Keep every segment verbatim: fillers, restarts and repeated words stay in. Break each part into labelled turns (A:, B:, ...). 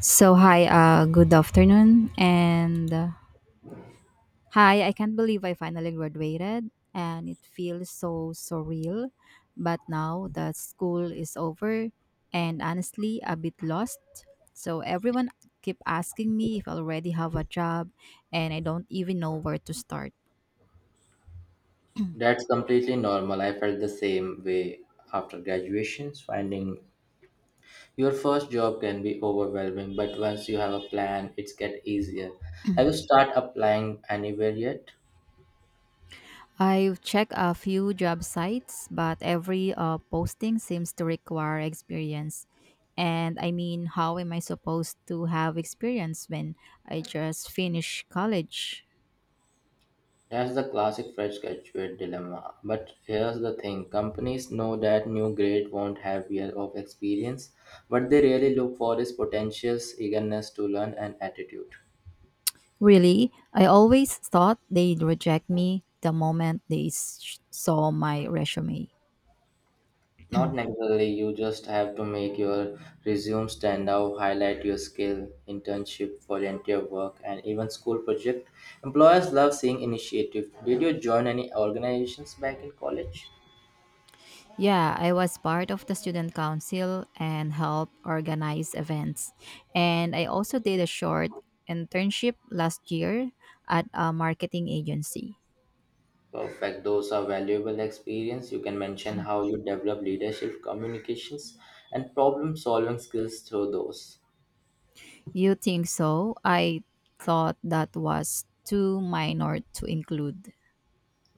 A: So hi, uh, good afternoon, and uh, hi. I can't believe I finally graduated, and it feels so surreal. But now that school is over, and honestly, a bit lost. So everyone keep asking me if I already have a job, and I don't even know where to start.
B: That's completely normal. I felt the same way after graduations. Finding your first job can be overwhelming, but once you have a plan, it's get easier. Have you start applying anywhere yet?
A: I've checked a few job sites, but every uh, posting seems to require experience. And I mean, how am I supposed to have experience when I just finished college?
B: That's the classic fresh graduate dilemma. But here's the thing: companies know that new grade won't have year of experience. What they really look for is potentials, eagerness to learn, and attitude.
A: Really, I always thought they'd reject me the moment they s- saw my resume.
B: Not necessarily, you just have to make your resume stand out, highlight your skill, internship, volunteer work, and even school project. Employers love seeing initiative. Did you join any organizations back in college?
A: Yeah, I was part of the student council and helped organize events. And I also did a short internship last year at a marketing agency.
B: Perfect. Those are valuable experience. You can mention how you develop leadership, communications, and problem solving skills through those.
A: You think so? I thought that was too minor to include.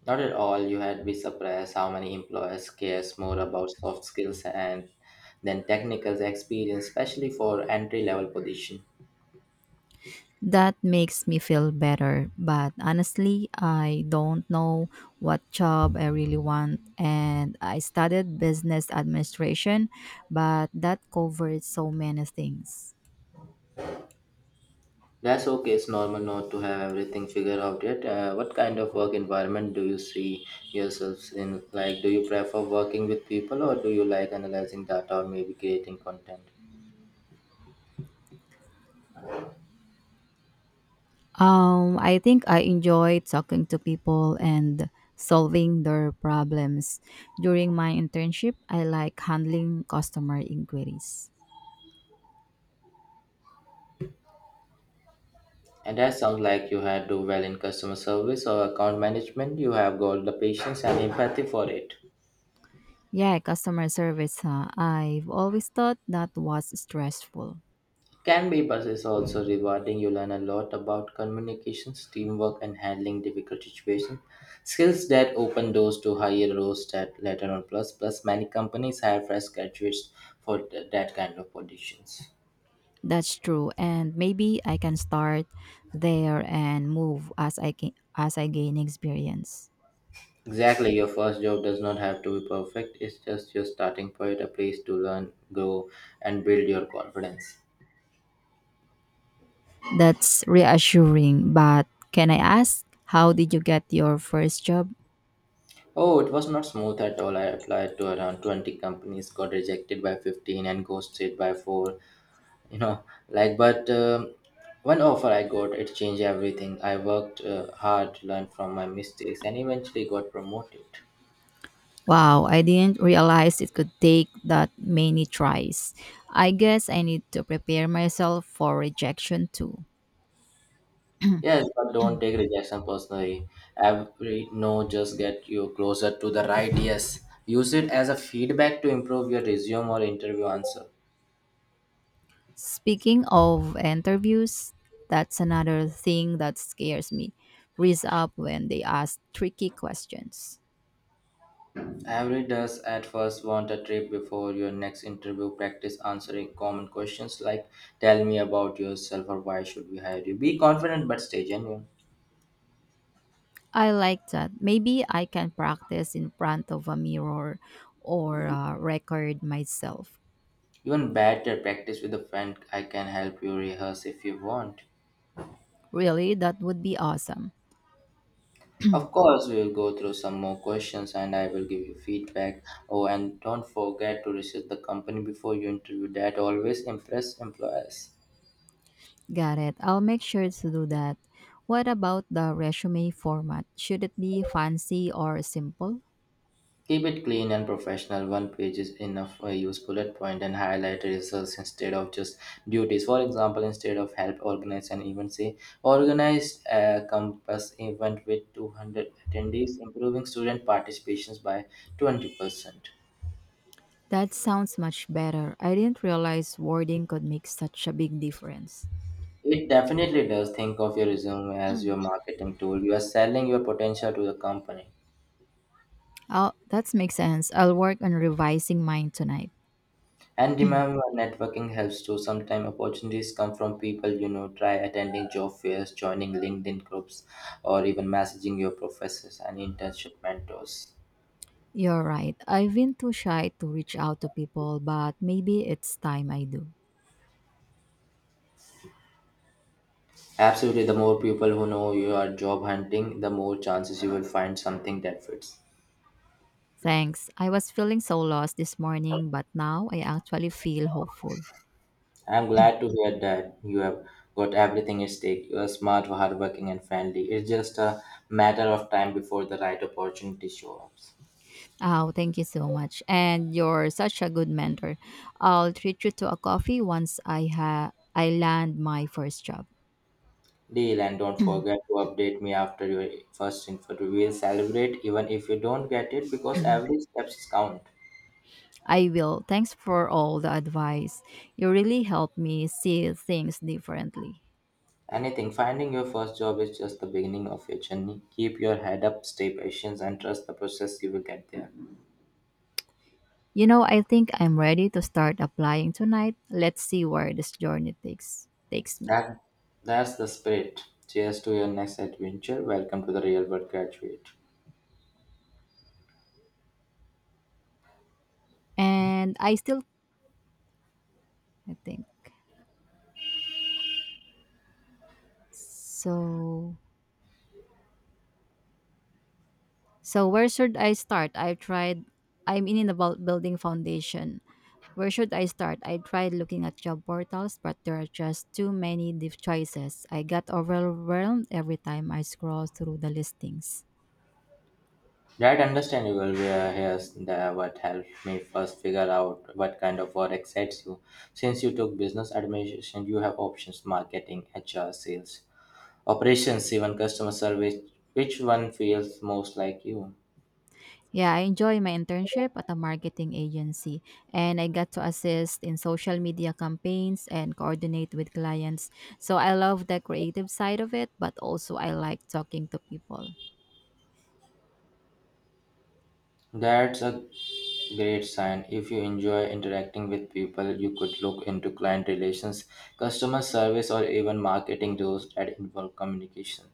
B: Not at all. You had be surprised how many employers cares more about soft skills and than technical experience, especially for entry level position.
A: That makes me feel better, but honestly, I don't know what job I really want. And I studied business administration, but that covered so many things.
B: That's okay. It's normal not to have everything figured out yet. Uh, what kind of work environment do you see yourselves in? Like, do you prefer working with people or do you like analyzing data or maybe creating content?
A: Um, I think I enjoy talking to people and solving their problems. During my internship, I like handling customer inquiries.
B: And that sounds like you had do well in customer service or account management. You have got the patience and empathy for it.
A: Yeah, customer service, huh? I've always thought that was stressful.
B: Can be, but it's also rewarding. You learn a lot about communications, teamwork, and handling difficult situations. Skills that open doors to higher roles that later on. Plus, plus many companies hire fresh graduates for th- that kind of positions.
A: That's true, and maybe I can start there and move as I can, as I gain experience.
B: Exactly, your first job does not have to be perfect. It's just your starting point, a place to learn, grow, and build your confidence.
A: That's reassuring, but can I ask how did you get your first job?
B: Oh, it was not smooth at all. I applied to around twenty companies, got rejected by fifteen, and ghosted by four. you know like, but um, one offer I got, it changed everything. I worked uh, hard, learned from my mistakes, and eventually got promoted.
A: Wow, I didn't realize it could take that many tries. I guess I need to prepare myself for rejection too.
B: Yes, but don't take rejection personally. Every no just get you closer to the right yes. Use it as a feedback to improve your resume or interview answer.
A: Speaking of interviews, that's another thing that scares me. Freeze up when they ask tricky questions.
B: Every does at first, want a trip before your next interview. Practice answering common questions like tell me about yourself or why should we hire you. Be confident but stay genuine.
A: I like that. Maybe I can practice in front of a mirror or uh, record myself.
B: Even better practice with a friend. I can help you rehearse if you want.
A: Really, that would be awesome.
B: Of course, we will go through some more questions and I will give you feedback. Oh, and don't forget to research the company before you interview. That always impress employers.
A: Got it. I'll make sure to do that. What about the resume format? Should it be fancy or simple?
B: Keep it clean and professional. One page is enough. Uh, use bullet point and highlight results instead of just duties. For example, instead of help organize an event, say organized a campus event with two hundred attendees, improving student participations by twenty percent.
A: That sounds much better. I didn't realize wording could make such a big difference.
B: It definitely does. Think of your resume as your marketing tool. You are selling your potential to the company.
A: Oh, that makes sense. I'll work on revising mine tonight.
B: And remember, networking helps too. Sometimes opportunities come from people you know. Try attending job fairs, joining LinkedIn groups, or even messaging your professors and internship mentors.
A: You're right. I've been too shy to reach out to people, but maybe it's time I do.
B: Absolutely, the more people who know you are job hunting, the more chances you will find something that fits.
A: Thanks. I was feeling so lost this morning, but now I actually feel hopeful.
B: I'm glad to hear that you have got everything at stake. You are smart, hardworking, and friendly. It's just a matter of time before the right opportunity shows up.
A: Oh, thank you so much. And you're such a good mentor. I'll treat you to a coffee once I ha I land my first job.
B: Deal, and don't forget to update me after your first interview. We'll celebrate even if you don't get it because every steps count.
A: I will. Thanks for all the advice. You really helped me see things differently.
B: Anything, finding your first job is just the beginning of your journey. Keep your head up, stay patient, and trust the process. You will get there.
A: You know, I think I'm ready to start applying tonight. Let's see where this journey takes takes me.
B: That, that's the spirit. Cheers to your next adventure. Welcome to the real world graduate.
A: And I still I think. So so where should I start? I've tried I'm in about building foundation. Where should I start? I tried looking at job portals, but there are just too many diff choices. I got overwhelmed every time I scroll through the listings.
B: Right, understandable. Yeah, here's the, what helped me first figure out what kind of work excites you. Since you took business administration, you have options marketing, H R, sales, operations, even customer service. Which one feels most like you?
A: Yeah, I enjoy my internship at a marketing agency, and I got to assist in social media campaigns and coordinate with clients. So I love the creative side of it, but also I like talking to people.
B: That's a great sign. If you enjoy interacting with people, you could look into client relations, customer service, or even marketing roles that involve communication.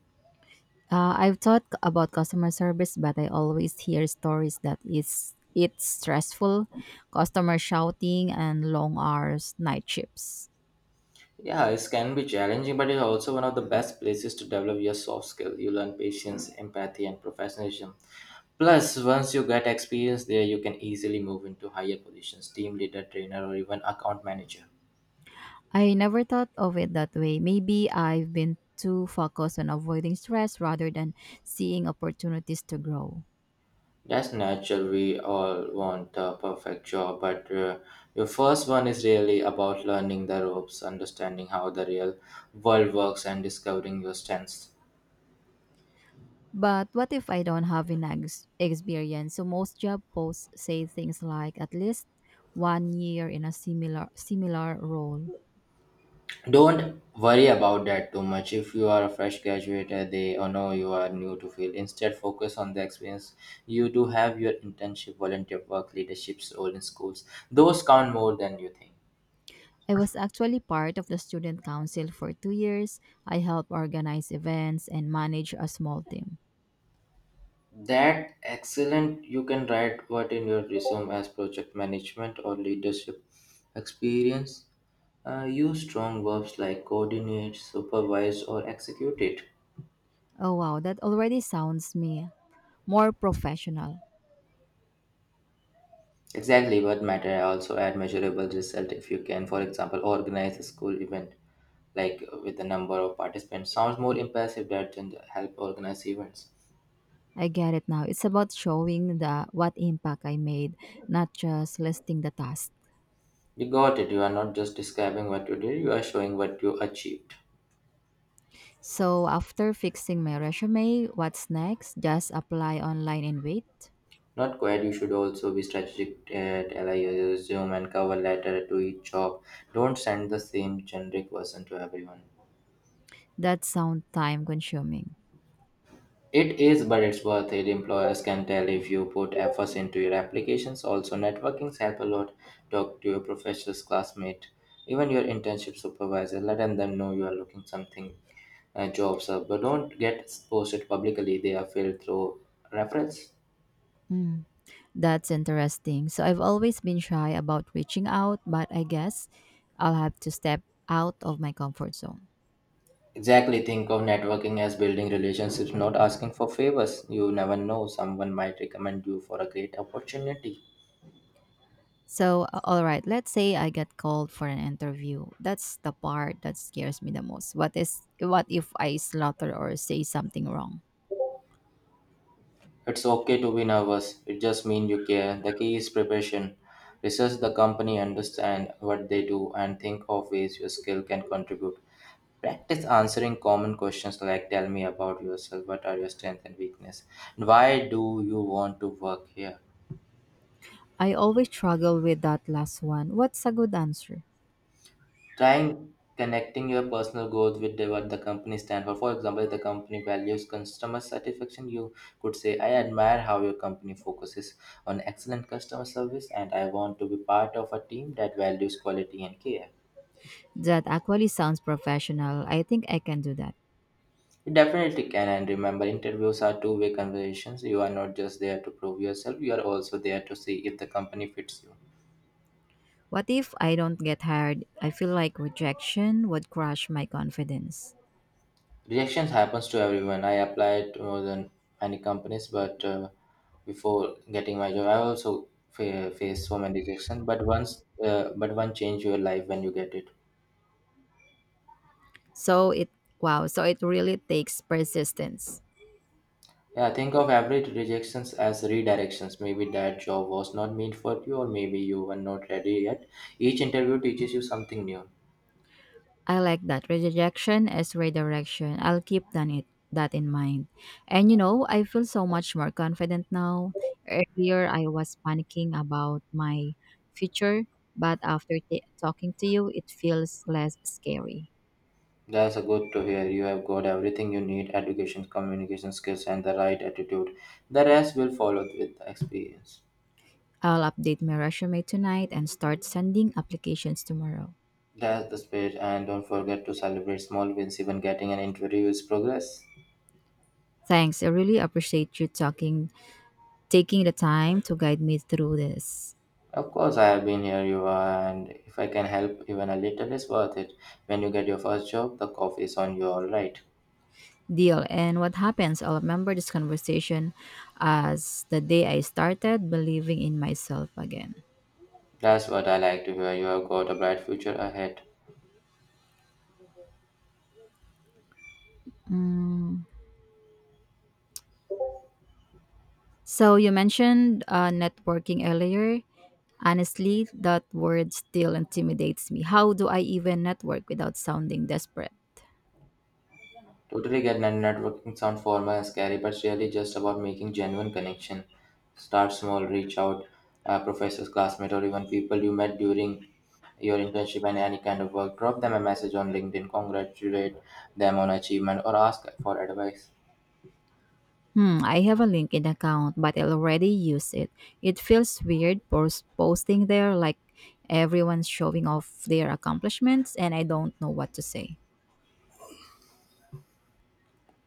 A: Uh, I've thought c- about customer service, but I always hear stories that is it's stressful, customer shouting, and long hours, night shifts.
B: Yeah, it can be challenging, but it's also one of the best places to develop your soft skill. You learn patience, empathy, and professionalism. Plus, once you get experience there, you can easily move into higher positions, team leader, trainer, or even account manager.
A: I never thought of it that way. Maybe I've been too focused on avoiding stress rather than seeing opportunities to grow.
B: That's natural. We all want a perfect job, but uh, your first one is really about learning the ropes, understanding how the real world works, and discovering your strengths.
A: But what if I don't have an ex- experience? So most job posts say things like at least one year in a similar similar role.
B: Don't worry about that too much. If you are a fresh graduate, uh, they or know you are new to field. Instead, focus on the experience you do have. Your internship, volunteer work, leadership's role in schools. Those count more than you think.
A: I was actually part of the student council for two years. I helped organize events and manage a small team.
B: That excellent. You can write what in your resume as project management or leadership experience. Uh, use strong verbs like coordinate, supervise, or execute it.
A: Oh wow, that already sounds me more professional.
B: Exactly what matter. Also add measurable result if you can. For example, organize a school event like uh, with the number of participants, sounds more impressive rather than help organize events.
A: I get it now. It's about showing the what impact I made, not just listing the task.
B: You got it. You are not just describing what you did; you are showing what you achieved.
A: So after fixing my resume, what's next? Just apply online and wait.
B: Not quite. You should also be strategic. Uh, tell I resume and cover letter to each job. Don't send the same generic version to everyone.
A: That sounds time consuming.
B: It is, but it's worth it. Employers can tell if you put efforts into your applications. Also, networkings help a lot. Talk to your professor's classmate, even your internship supervisor. Let them know you are looking something uh, jobs uh, but don't get posted publicly. They are filled through reference.
A: Mm, that's interesting. So I've always been shy about reaching out, but I guess I'll have to step out of my comfort zone.
B: Exactly, think of networking as building relationships, not asking for favors. You never know, someone might recommend you for a great opportunity.
A: So, a- all right, let's say I get called for an interview. That's the part that scares me the most. What is what if I slaughter or say something wrong?
B: It's okay to be nervous, it just means you care. The key is preparation. Research the company, understand what they do, and think of ways your skill can contribute. Practice answering common questions like tell me about yourself, what are your strengths and weakness, and why do you want to work here.
A: I always struggle with that last one. What's a good answer?
B: Trying connecting your personal growth with the- what the company stands for. For example, if the company values customer satisfaction, you could say, I admire how your company focuses on excellent customer service and I want to be part of a team that values quality and care.
A: That actually sounds professional. I think I can do that.
B: You definitely can, and remember interviews are two-way conversations. You are not just there to prove yourself, you are also there to see if the company fits you.
A: What if I don't get hired? I feel like rejection would crush my confidence.
B: Rejections happens to everyone. I applied to more than many companies, but uh, before getting my job, I also fa- faced so many rejection. But once uh, but one change your life when you get it.
A: So it wow, so it really takes persistence.
B: Yeah, think of every rejections as redirections. Maybe that job was not meant for you, or maybe you were not ready yet. Each interview teaches you something new.
A: I like that. Rejection is redirection. I'll keep that, it, that in mind. And you know, I feel so much more confident now. Earlier, I was panicking about my future, but after t- talking to you, it feels less scary.
B: That's a good to hear. You have got everything you need: education, communication skills, and the right attitude. The rest will follow with the experience.
A: I'll update my resume tonight and start sending applications tomorrow.
B: That's the spirit, and don't forget to celebrate small wins. Even getting an interview is progress.
A: Thanks. I really appreciate you talking, taking the time to guide me through this.
B: Of course, I have been here, you are, and if I can help even a little, it's worth it. When you get your first job, the coffee is on you, all right.
A: Deal. And what happens, I'll remember this conversation as the day I started believing in myself again.
B: That's what I like to hear. You have got a bright future ahead.
A: Mm. So you mentioned uh, networking earlier. Honestly, that word still intimidates me. How do I even network without sounding desperate?
B: Totally get net- networking sound formal and scary, but it's really just about making genuine connection. Start small, reach out, uh, professors, classmates, or even people you met during your internship and any kind of work. Drop them a message on LinkedIn, congratulate them on achievement, or ask for advice.
A: Hmm, I have a LinkedIn account, but I already use it. It feels weird pos- posting there like everyone's showing off their accomplishments and I don't know what to say.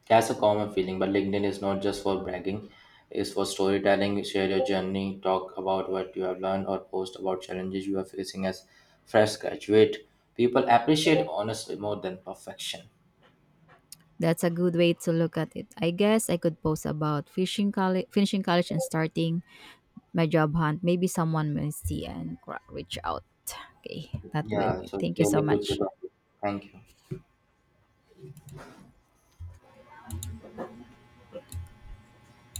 B: That's a common feeling, but LinkedIn is not just for bragging, it's for storytelling. Share your journey, talk about what you have learned, or post about challenges you are facing as fresh graduate. People appreciate honesty more than perfection.
A: That's a good way to look at it. I guess I could post about fishing colle- finishing college and starting my job hunt. Maybe someone will see and cra- reach out. Okay, that will
B: Yeah,
A: be.
B: so
A: Thank you
B: really
A: so
B: good to
A: much.
B: talk to you. Thank you.